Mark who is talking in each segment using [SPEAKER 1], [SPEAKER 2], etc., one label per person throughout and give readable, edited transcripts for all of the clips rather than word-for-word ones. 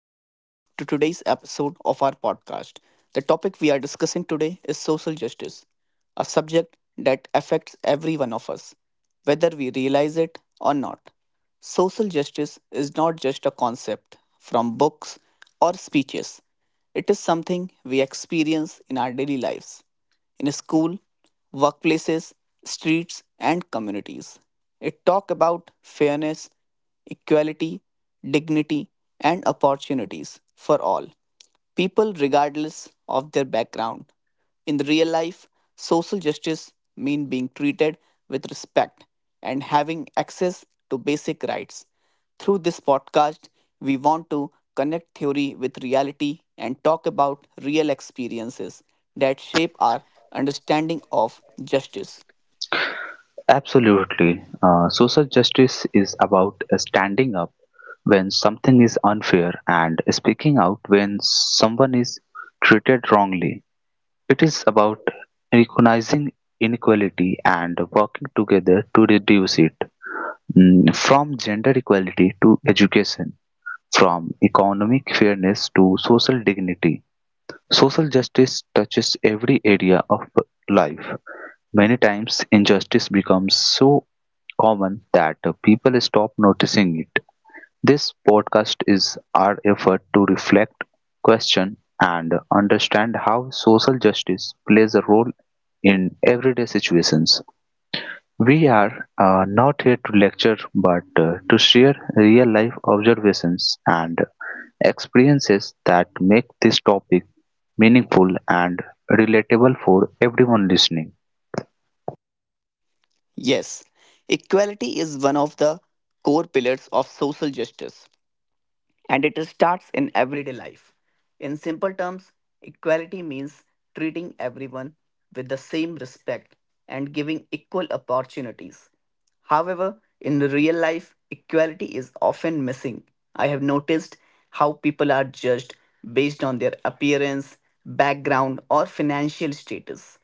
[SPEAKER 1] to today's episode of our podcast. The topic we are discussing today is social justice, a subject that affects every one of us, whether we realize it or not. Social justice is not just a concept from books or speeches. It is something we experience in our daily lives in school, workplaces, streets, and communities. It talk about fairness, equality, dignity, and opportunities for all people regardless of their background. In the real life, social justice means being treated with respect and having access to basic rights. Through this podcast, we want to connect theory with reality and talk about real experiences that shape our understanding of justice.
[SPEAKER 2] Absolutely. Social justice is about standing up when something is unfair and speaking out when someone is treated wrongly. It is about recognizing inequality and working together to reduce it. From gender equality to education, from economic fairness to social dignity. Social justice touches every area of life. Many times, injustice becomes so common that people stop noticing it. This podcast is our effort to reflect, question, and understand how social justice plays a role in everyday situations. We are not here to lecture but to share real life observations and experiences that make this topic meaningful and relatable for everyone listening.
[SPEAKER 1] Yes, equality is one of the core pillars of social justice, and it starts in everyday life. In simple terms, equality means treating everyone with the same respect and giving equal opportunities. However, in real life, equality is often missing. I have noticed how people are judged based on their appearance, background, or financial status.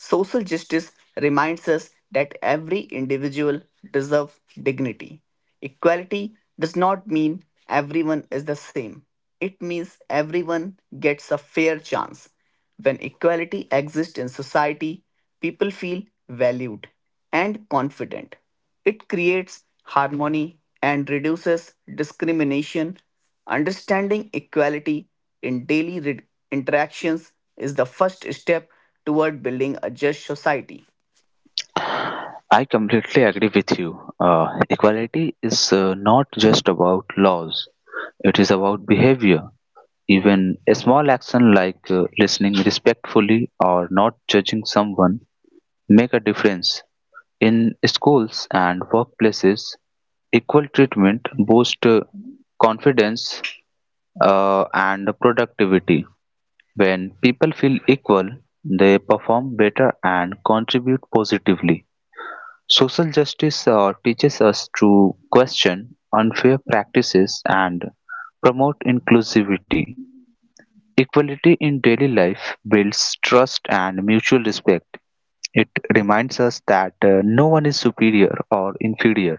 [SPEAKER 1] Social justice reminds us that every individual deserves dignity. Equality does not mean everyone is the same. It means everyone gets a fair chance. When equality exists in society, people feel valued and confident. It creates harmony and reduces discrimination. Understanding equality in daily interactions is the first step toward building a just society.
[SPEAKER 2] I completely agree with you. Equality is not just about laws, it is about behavior. Even a small action like listening respectfully or not judging someone make a difference. In schools and workplaces, equal treatment boosts confidence and productivity. When people feel equal, they perform better and contribute positively. Social justice teaches us to question unfair practices and promote inclusivity. Equality in daily life builds trust and mutual respect. It reminds us that no one is superior or inferior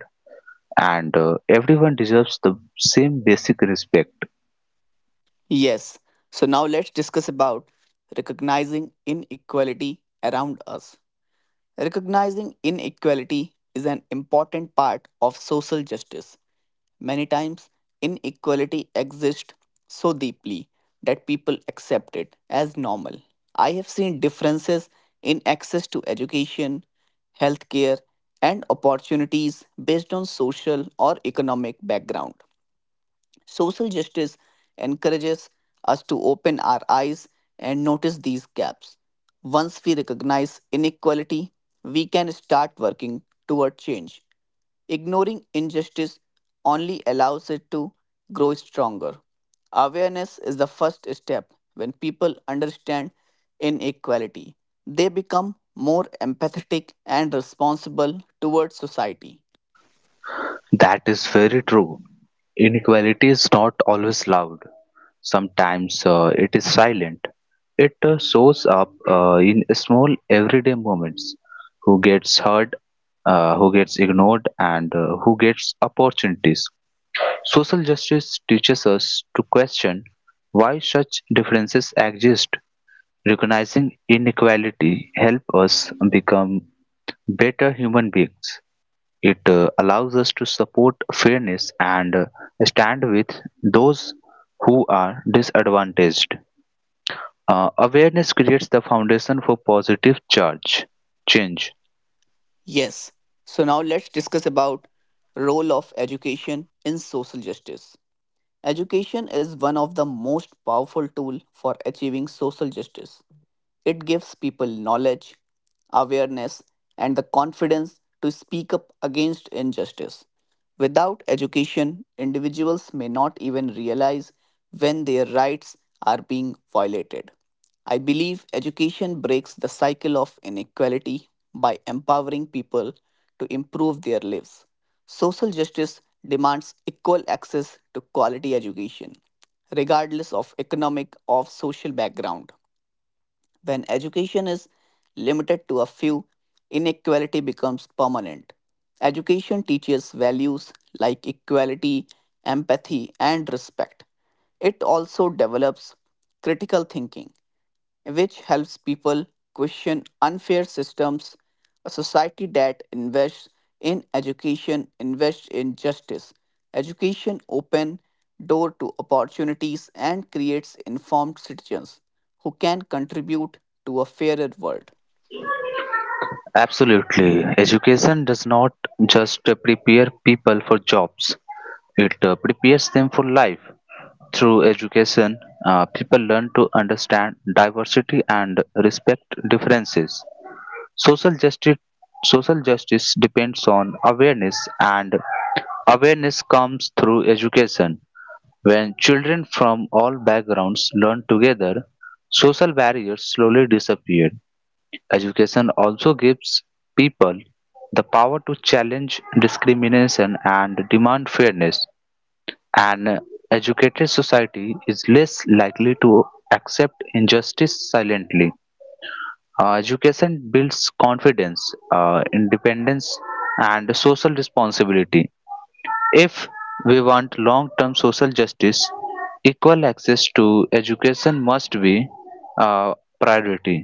[SPEAKER 2] and everyone deserves the same basic respect.
[SPEAKER 1] Yes, so now let's discuss about recognizing inequality around us. Recognizing inequality is an important part of social justice. Many times, inequality exists so deeply that people accept it as normal. I have seen differences in access to education, healthcare, and opportunities based on social or economic background. Social justice encourages us to open our eyes and notice these gaps. Once we recognize inequality, we can start working toward change. Ignoring injustice only allows it to grow stronger. Awareness is the first step. When people understand inequality, they become more empathetic and responsible towards society.
[SPEAKER 2] That is very true. Inequality is not always loud, sometimes it is silent. It shows up in small everyday moments who gets heard, who gets ignored, and who gets opportunities. Social justice teaches us to question why such differences exist. Recognizing inequality helps us become better human beings. It allows us to support fairness and stand with those who are disadvantaged. Awareness creates the foundation for positive change.
[SPEAKER 1] Yes. So now let's discuss about role of education in social justice. Education is one of the most powerful tool for achieving social justice. It gives people knowledge, awareness, and the confidence to speak up against injustice. Without education, individuals may not even realize when their rights are being violated. I believe education breaks the cycle of inequality by empowering people to improve their lives. Social justice demands equal access to quality education, regardless of economic or social background. When education is limited to a few, inequality becomes permanent. Education teaches values like equality, empathy, and respect. It also develops critical thinking which helps people question unfair systems. A society that invests in education invests in justice. Education open door to opportunities and creates informed citizens who can contribute to a fairer world.
[SPEAKER 2] Absolutely. Education does not just prepare people for jobs, it prepares them for life. Through education, people learn to understand diversity and respect differences. Social justice, social justice depends on awareness, and awareness comes through education. When children from all backgrounds learn together, social barriers slowly disappear. Education also gives people the power to challenge discrimination and demand fairness. An educated society is less likely to accept injustice silently. Education builds confidence, independence, and social responsibility. If we want long term social justice, equal access to education must be a priority.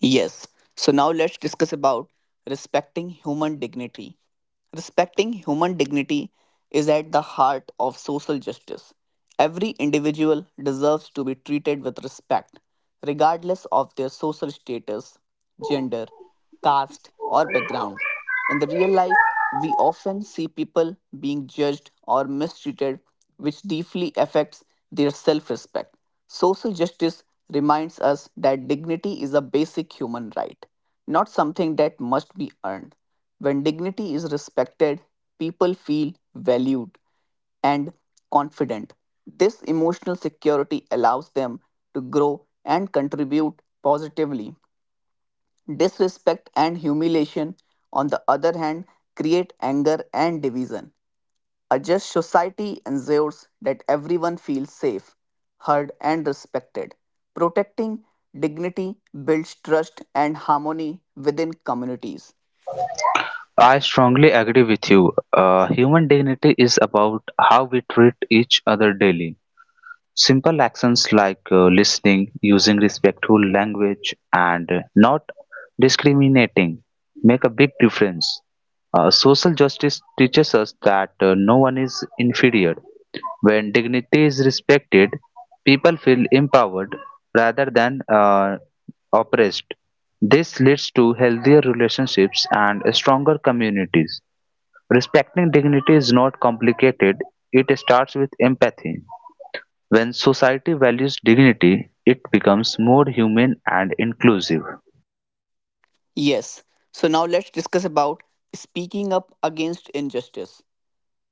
[SPEAKER 1] Yes. So now let's discuss about respecting human dignity. Respecting human dignity is at the heart of social justice. Every individual deserves to be treated with respect, regardless of their social status, gender, caste, or background. In the real life, we often see people being judged or mistreated, which deeply affects their self respect. Social justice reminds us that dignity is a basic human right, not something that must be earned. When dignity is respected, people feel valued and confident. This emotional security allows them to grow and contribute positively. Disrespect and humiliation, on the other hand, create anger and division. A just society ensures that everyone feels safe, heard, and respected. Protecting dignity builds trust and harmony within communities.
[SPEAKER 2] I strongly agree with you. Human dignity is about how we treat each other daily. Simple actions like listening, using respectful language, and not discriminating make a big difference. Social justice teaches us that no one is inferior. When dignity is respected, people feel empowered rather than oppressed. This leads to healthier relationships and stronger communities. Respecting dignity is not complicated, it starts with empathy. When society values dignity, it becomes more humane and inclusive.
[SPEAKER 1] Yes, so now let's discuss about speaking up against injustice.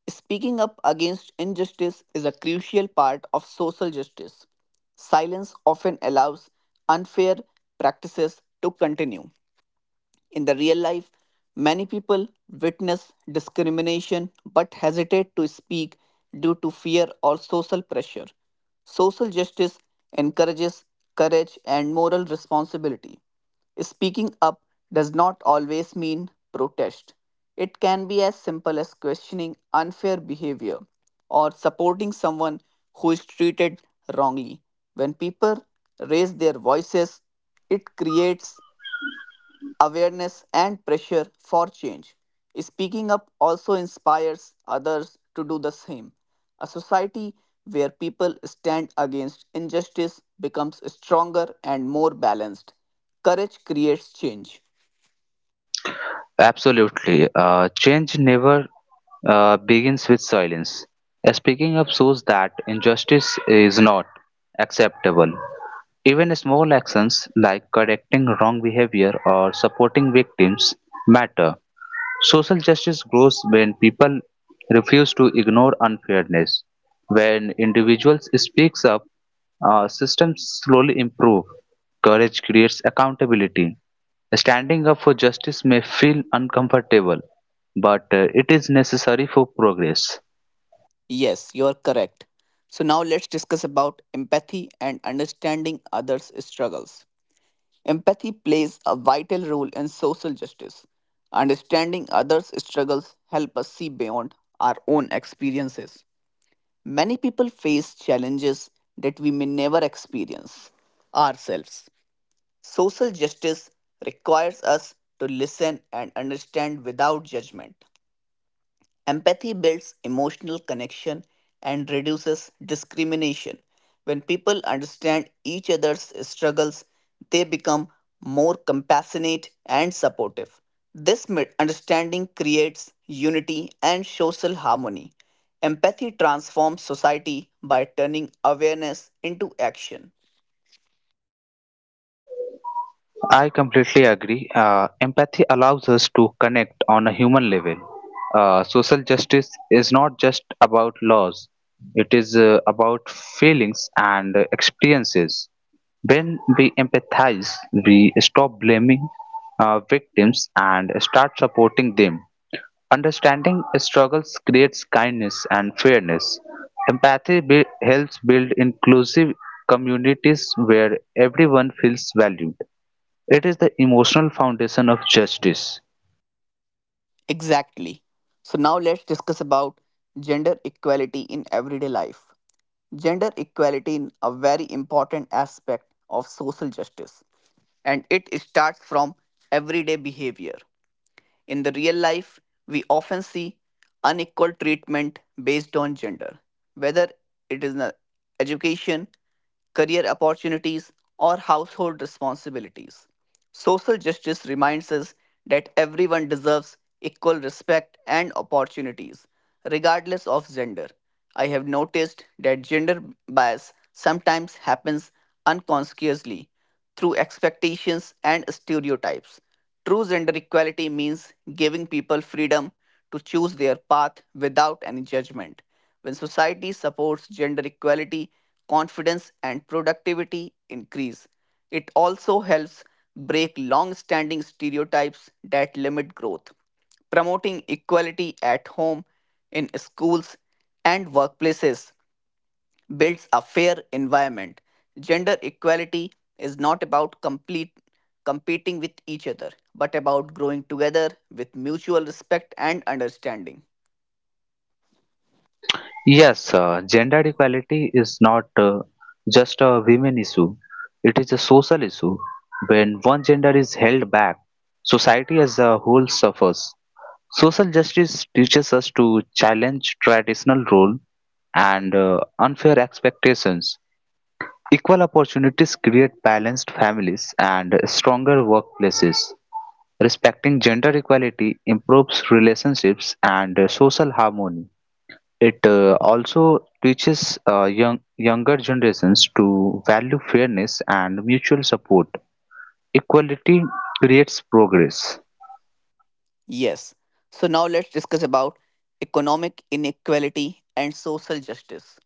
[SPEAKER 1] Speaking up against injustice is a crucial part of social justice. Silence often allows unfair practices to continue. In the real life, many people witness discrimination but hesitate to speak due to fear or social pressure. Social justice encourages courage and moral responsibility. Speaking up does not always mean protest. It can be as simple as questioning unfair behavior or supporting someone who is treated wrongly. When people raise their voices, it creates awareness and pressure for change. Speaking up also inspires others to do the same. A society where people stand against injustice becomes stronger and more balanced. Courage creates change.
[SPEAKER 2] Absolutely. Change never begins with silence. Speaking up shows that injustice is not acceptable. Even small actions like correcting wrong behavior or supporting victims matter. Social justice grows when people refuse to ignore unfairness. When individuals speaks up, systems slowly improve. Courage creates accountability. Standing up for justice may feel uncomfortable, but it is necessary for progress.
[SPEAKER 1] Yes, you are correct. So, now let's discuss about empathy and understanding others' struggles. Empathy plays a vital role in social justice. Understanding others' struggles help us see beyond our own experiences. Many people face challenges that we may never experience ourselves. Social justice requires us to listen and understand without judgment. Empathy builds emotional connection and reduces discrimination. When people understand each other's struggles, they become more compassionate and supportive. This understanding creates unity and social harmony. Empathy transforms society by turning awareness into action.
[SPEAKER 2] I completely agree. Empathy allows us to connect on a human level. Social justice is not just about laws, it is about feelings and experiences. When we empathize, we stop blaming victims and start supporting them. Understanding struggles creates kindness and fairness. Helps build inclusive communities where everyone feels valued. It is the emotional foundation of justice.
[SPEAKER 1] Exactly. So, now let's discuss about gender equality in everyday life. Gender equality is a very important aspect of social justice, and it starts from everyday behavior. In the real life, we often see unequal treatment based on gender, whether it is in education, career opportunities, or household responsibilities. Social justice reminds us that everyone deserves equal respect and opportunities, regardless of gender. I have noticed that gender bias sometimes happens unconsciously through expectations and stereotypes. True gender equality means giving people freedom to choose their path without any judgment. When society supports gender equality, confidence and productivity increase. It also helps break long standing stereotypes that limit growth. Promoting equality at home, in schools, and workplaces builds a fair environment. Gender equality is not about complete competing with each other, but about growing together with mutual respect and understanding.
[SPEAKER 2] Yes, gender equality is not just a women issue. It is a social issue. When one gender is held back, society as a whole suffers. Social justice teaches us to challenge traditional role and unfair expectations. Equal opportunities create balanced families and stronger workplaces. Respecting gender equality improves relationships and social harmony. It also teaches younger generations to value fairness and mutual support. Equality creates progress.
[SPEAKER 1] Yes. So now let's discuss about economic inequality and social justice.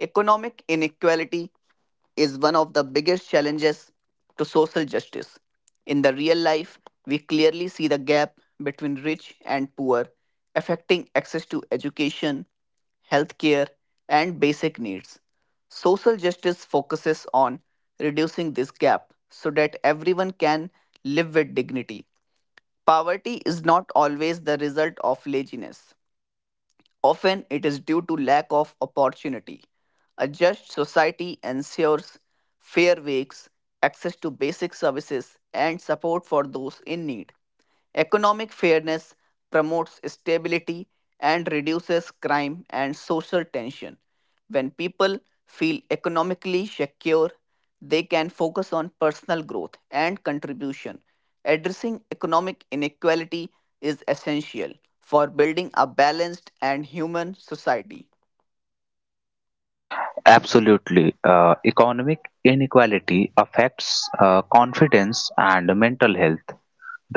[SPEAKER 1] Economic inequality is one of the biggest challenges to social justice. In the real life, we clearly see the gap between rich and poor affecting access to education, healthcare, and basic needs. Social justice focuses on reducing this gap so that everyone can live with dignity. Poverty is not always the result of laziness. Often it is due to lack of opportunity. A just society ensures fair wages, access to basic services, and support for those in need. Economic fairness promotes stability and reduces crime and social tension. When people feel economically secure, they can focus on personal growth and contribution. Addressing economic inequality is essential for building a balanced and human society.
[SPEAKER 2] Absolutely. Economic inequality affects confidence and mental health.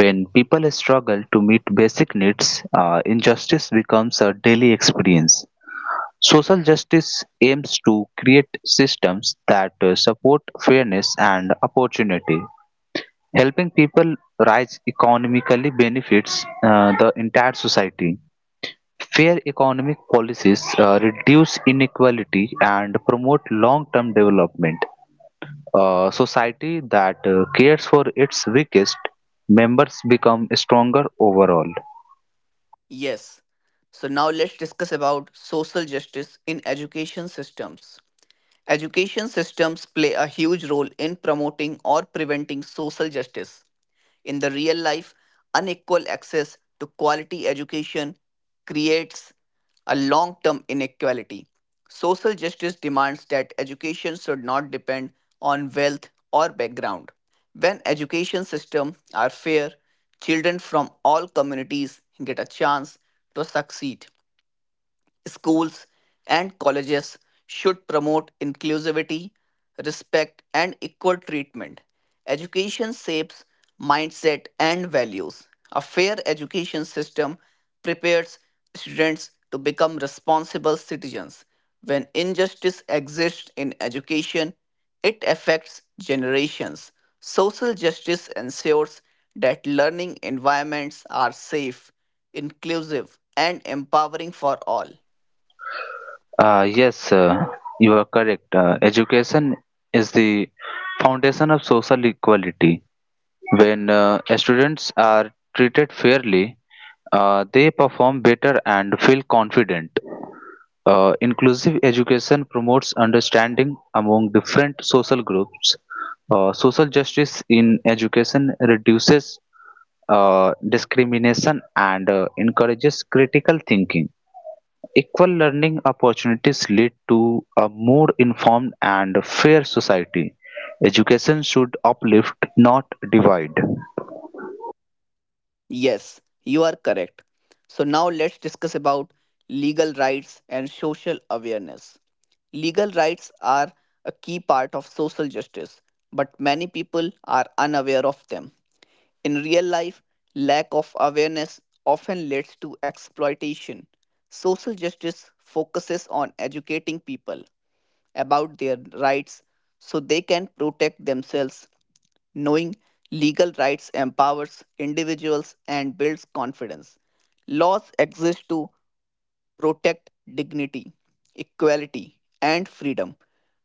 [SPEAKER 2] When people struggle to meet basic needs, injustice becomes a daily experience. Social justice aims to create systems that support fairness and opportunity. Helping people rise economically benefits the entire society. Fair economic policies reduce inequality and promote long term development. A society that cares for its weakest members become stronger overall.
[SPEAKER 1] Yes. So now let's discuss about social justice in education systems. Education systems play a huge role in promoting or preventing social justice. In the real life, unequal access to quality education creates a long term inequality. Social justice demands that education should not depend on wealth or background. When education systems are fair, children from all communities get a chance to succeed. Schools and colleges should promote inclusivity, respect, and equal treatment. Education shapes mindset and values. A fair education system prepares students to become responsible citizens. When injustice exists in education, it affects generations. Social justice ensures that learning environments are safe, inclusive, and empowering for all.
[SPEAKER 2] Yes, you are correct. Education is the foundation of social equality. When students are treated fairly, they perform better and feel confident. Inclusive education promotes understanding among different social groups. Social justice in education reduces discrimination and encourages critical thinking. Equal learning opportunities lead to a more informed and fair society. Education should uplift, not divide.
[SPEAKER 1] Yes, you are correct. So now let's discuss about legal rights and social awareness. Legal rights are a key part of social justice, but many people are unaware of them. In real life, lack of awareness often leads to exploitation. Social justice focuses on educating people about their rights so they can protect themselves. Knowing legal rights empowers individuals and builds confidence. Laws exist to protect dignity, equality, and freedom.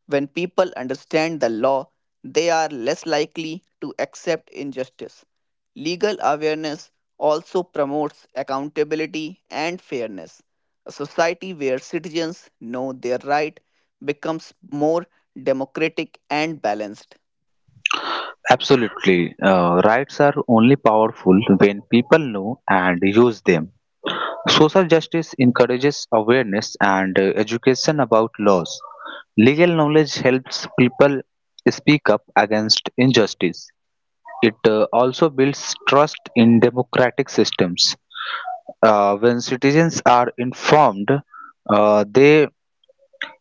[SPEAKER 1] When people understand the law, they are less likely to accept injustice. Legal awareness also promotes accountability and fairness. A society where citizens know their right becomes more democratic and balanced.
[SPEAKER 2] Absolutely. Rights are only powerful when people know and use them. Social justice encourages awareness and education about laws. Legal knowledge helps people speak up against injustice. It also builds trust in democratic systems. When citizens are informed, they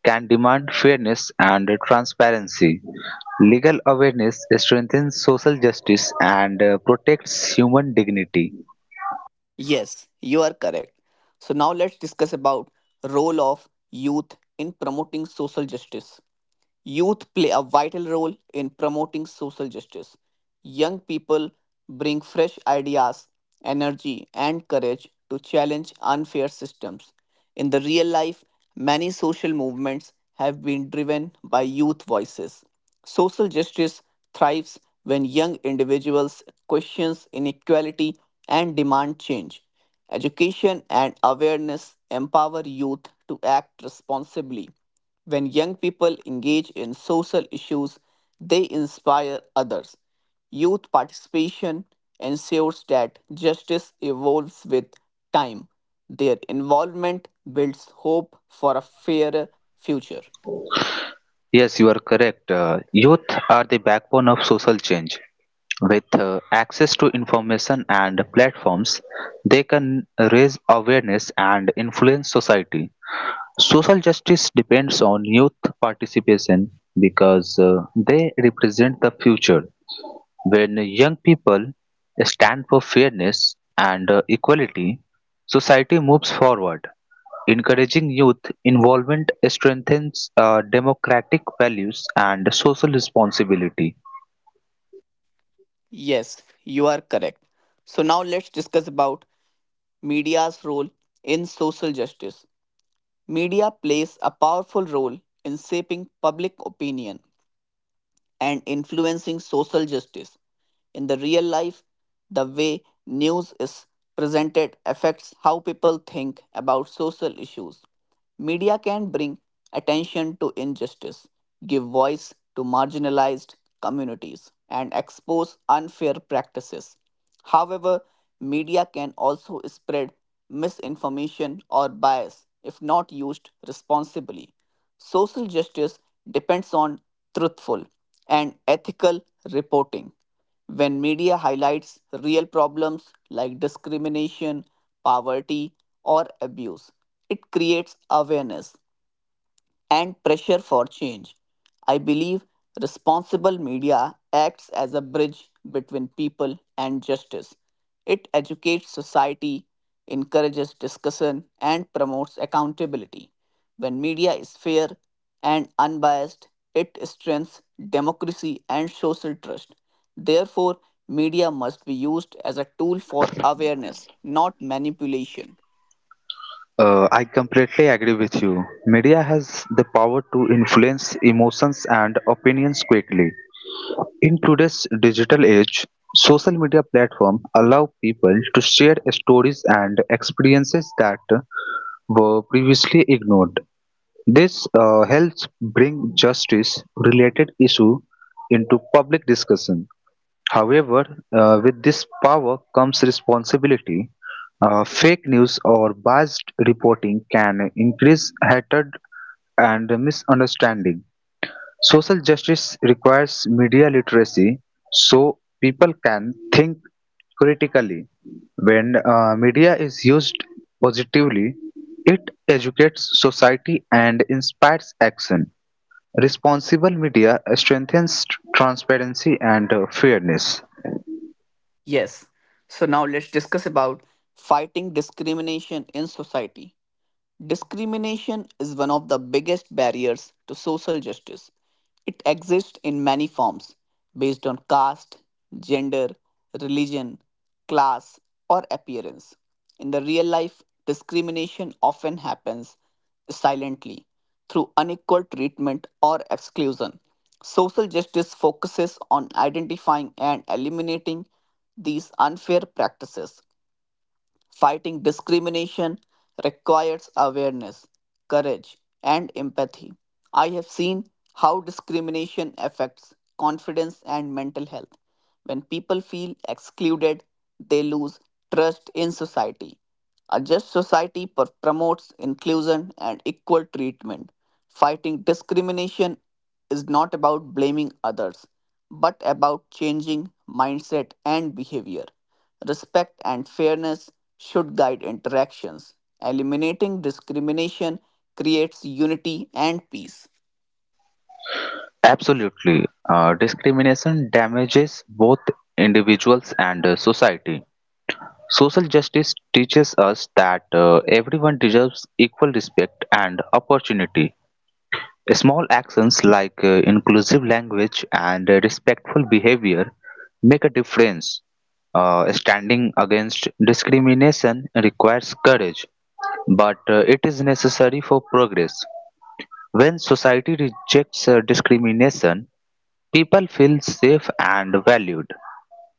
[SPEAKER 2] can demand fairness and transparency. Legal awareness strengthens social justice and protects human dignity.
[SPEAKER 1] Yes, you are correct. So now let's discuss about role of youth in promoting social justice. Youth play a vital role in promoting social justice. Young people bring fresh ideas, energy, and courage to challenge unfair systems. In the real life, many social movements have been driven by youth voices. Social justice thrives when young individuals question inequality and demand change. Education and awareness empower youth to act responsibly. When young people engage in social issues, they inspire others. Youth participation ensures that justice evolves with time. Their involvement builds hope for a fairer future.
[SPEAKER 2] Yes, you are correct. Youth are the backbone of social change. With access to information and platforms, they can raise awareness and influence society. Social justice depends on youth participation because they represent the future. When young people stand for fairness and equality, society moves forward. Encouraging youth involvement strengthens democratic values and social responsibility.
[SPEAKER 1] Yes, you are correct. So now let's discuss about media's role in social justice. Media plays a powerful role in shaping public opinion and influencing social justice. In the real life, the way news is presented affects how people think about social issues. Media can bring attention to injustice, give voice to marginalized communities, and expose unfair practices. However, media can also spread misinformation or bias if not used responsibly. Social justice depends on truthful and ethical reporting. When media highlights real problems like discrimination, poverty, or abuse, it creates awareness and pressure for change. I believe responsible media acts as a bridge between people and justice. It educates society, encourages discussion, and promotes accountability. When media is fair and unbiased, it strengthens democracy and social trust. Therefore, media must be used as a tool for awareness, not manipulation.
[SPEAKER 2] I completely agree with you. Media has the power to influence emotions and opinions quickly. In today's digital age, social media platforms allow people to share stories and experiences that were previously ignored. This helps bring justice related issue into public discussion. However, with this power comes responsibility. Fake news or biased reporting can increase hatred and misunderstanding. Social justice requires media literacy so people can think critically. When media is used positively, it educates society and inspires action. Responsible media strengthens transparency and fairness.
[SPEAKER 1] Yes. So now let's discuss about fighting discrimination in society. Discrimination is one of the biggest barriers to social justice. It exists in many forms based on caste, gender, religion, class, or appearance. In the real life, discrimination often happens silently through unequal treatment or exclusion. Social justice focuses on identifying and eliminating these unfair practices. Fighting discrimination requires awareness, courage, and empathy. I have seen how discrimination affects confidence and mental health. When people feel excluded, they lose trust in society. A just society promotes inclusion and equal treatment. Fighting discrimination is not about blaming others, but about changing mindset and behavior. Respect and fairness should guide interactions. Eliminating discrimination creates unity and peace.
[SPEAKER 2] Absolutely. Discrimination damages both individuals and society. Social justice teaches us that everyone deserves equal respect and opportunity. Small actions like inclusive language and respectful behavior make a difference. Standing against discrimination requires courage, but it is necessary for progress. When society rejects discrimination, people feel safe and valued.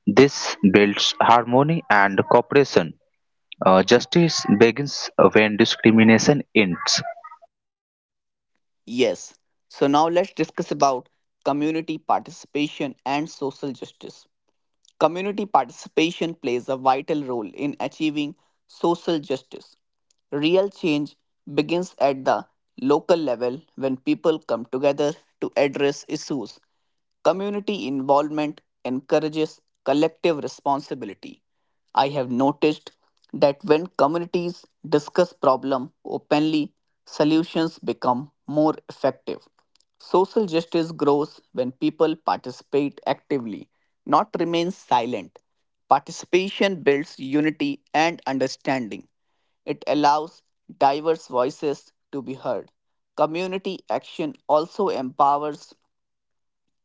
[SPEAKER 2] This builds harmony and cooperation. Justice begins when discrimination ends.
[SPEAKER 1] Yes, so now let's discuss about community participation and social justice. Community participation plays a vital role in achieving social justice. Real change begins at the local level when people come together to address issues. Community involvement encourages collective responsibility. I have noticed that when communities discuss problem openly, solutions become more effective. Social justice grows when people participate actively, not remain silent. Participation builds unity and understanding. It allows diverse voices to be heard. Community action also empowers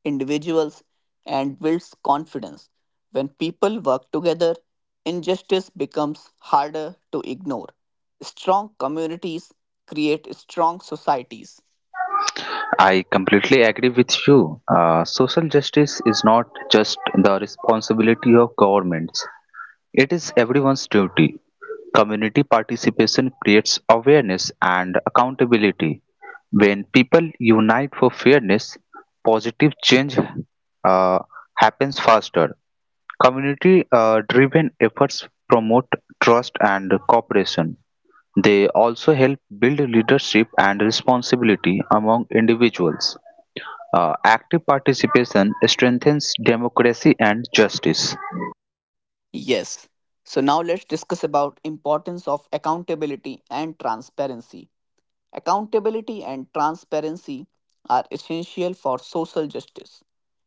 [SPEAKER 1] individuals and builds confidence. When people work together, injustice becomes harder to ignore. Strong communities create strong societies.
[SPEAKER 2] I completely agree with you. Social justice is not just the responsibility of governments, it is everyone's duty. Community participation creates awareness and accountability. When people unite for fairness, positive change uh, happens faster. Community-driven efforts promote trust and cooperation. They also help build leadership and responsibility among individuals. Active participation strengthens democracy and justice.
[SPEAKER 1] Yes. So now let's discuss about importance of accountability and transparency. Accountability and transparency are essential for social justice.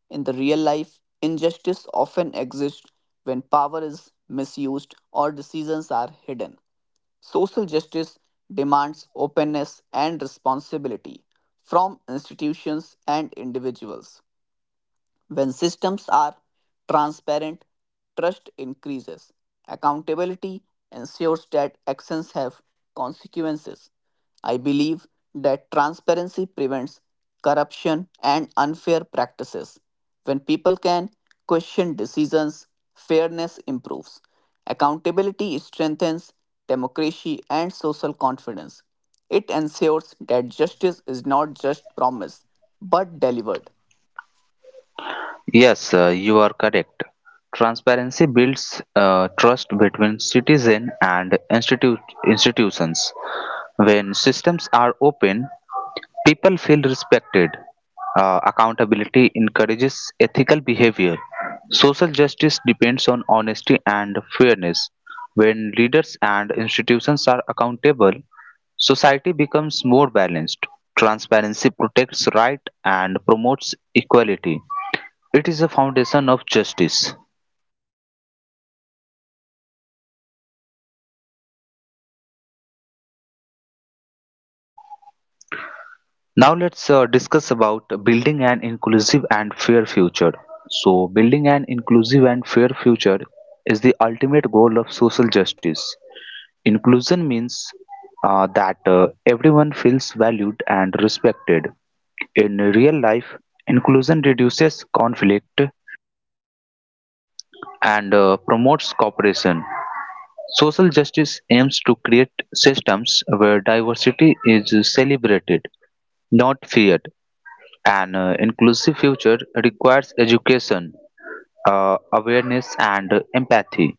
[SPEAKER 1] In the real life, injustice often exists when power is misused or decisions are hidden. Social justice demands openness and responsibility from institutions and individuals. When systems are transparent, trust increases. Accountability ensures that actions have consequences. I believe that transparency prevents corruption and unfair practices. When people can question decisions, fairness improves. Accountability strengthens democracy and social confidence. It ensures that justice is not just promised but delivered.
[SPEAKER 2] Yes, you are correct. Transparency builds trust between citizen and institutions. When systems are open, people feel respected. Accountability encourages ethical behavior. Social justice depends on honesty and fairness. When leaders and institutions are accountable, society becomes more balanced. Transparency protects rights and promotes equality. It is a foundation of justice. Now let's discuss about building an inclusive and fair future. So, building an inclusive and fair future is the ultimate goal of social justice. Inclusion means that everyone feels valued and respected. In real life, inclusion reduces conflict and promotes cooperation. Social justice aims to create systems where diversity is celebrated not feared. An inclusive future requires education, awareness, and empathy.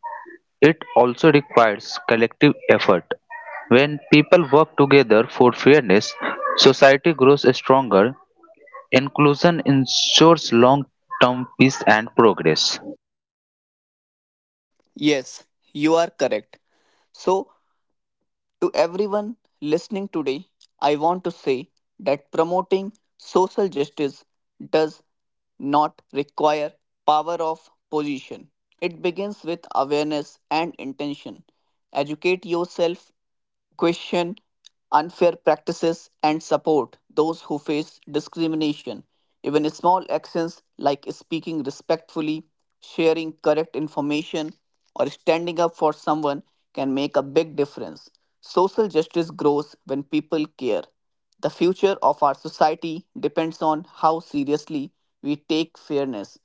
[SPEAKER 2] It also requires collective effort. When people work together for fairness, society grows stronger. Inclusion ensures long term peace and progress.
[SPEAKER 1] Yes, you are correct. So, to everyone listening today, I want to say that promoting social justice does not require power of position. It begins with awareness and intention. Educate yourself, question unfair practices and support those who face discrimination. Even small actions like speaking respectfully, sharing correct information, or standing up for someone can make a big difference. Social justice grows when people care. The future of our society depends on how seriously we take fairness.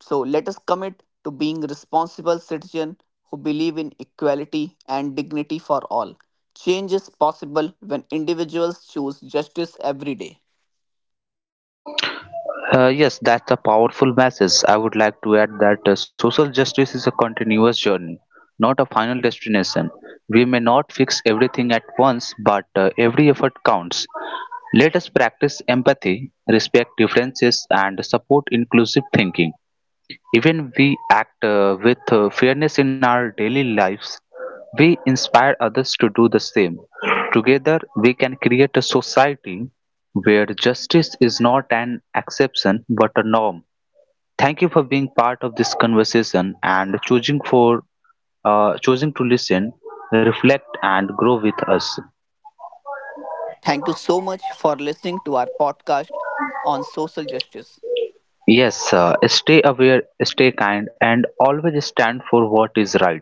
[SPEAKER 1] So let us commit to being responsible citizens who believe in equality and dignity for all. Change is possible when individuals choose justice every day.
[SPEAKER 2] Yes, that's a powerful message. I would like to add that social justice is a continuous journey, not a final destination. We may not fix everything at once, but every effort counts. Let us practice empathy, respect differences, and support inclusive thinking. Even we act with fairness in our daily lives. We inspire others to do the same. Together, we can create a society where justice is not an exception but a norm. Thank you for being part of this conversation and choosing to listen, reflect, and grow with us.
[SPEAKER 1] Thank you so much for listening to our podcast on social justice.
[SPEAKER 2] Yes, stay aware, stay kind, and always stand for what is right.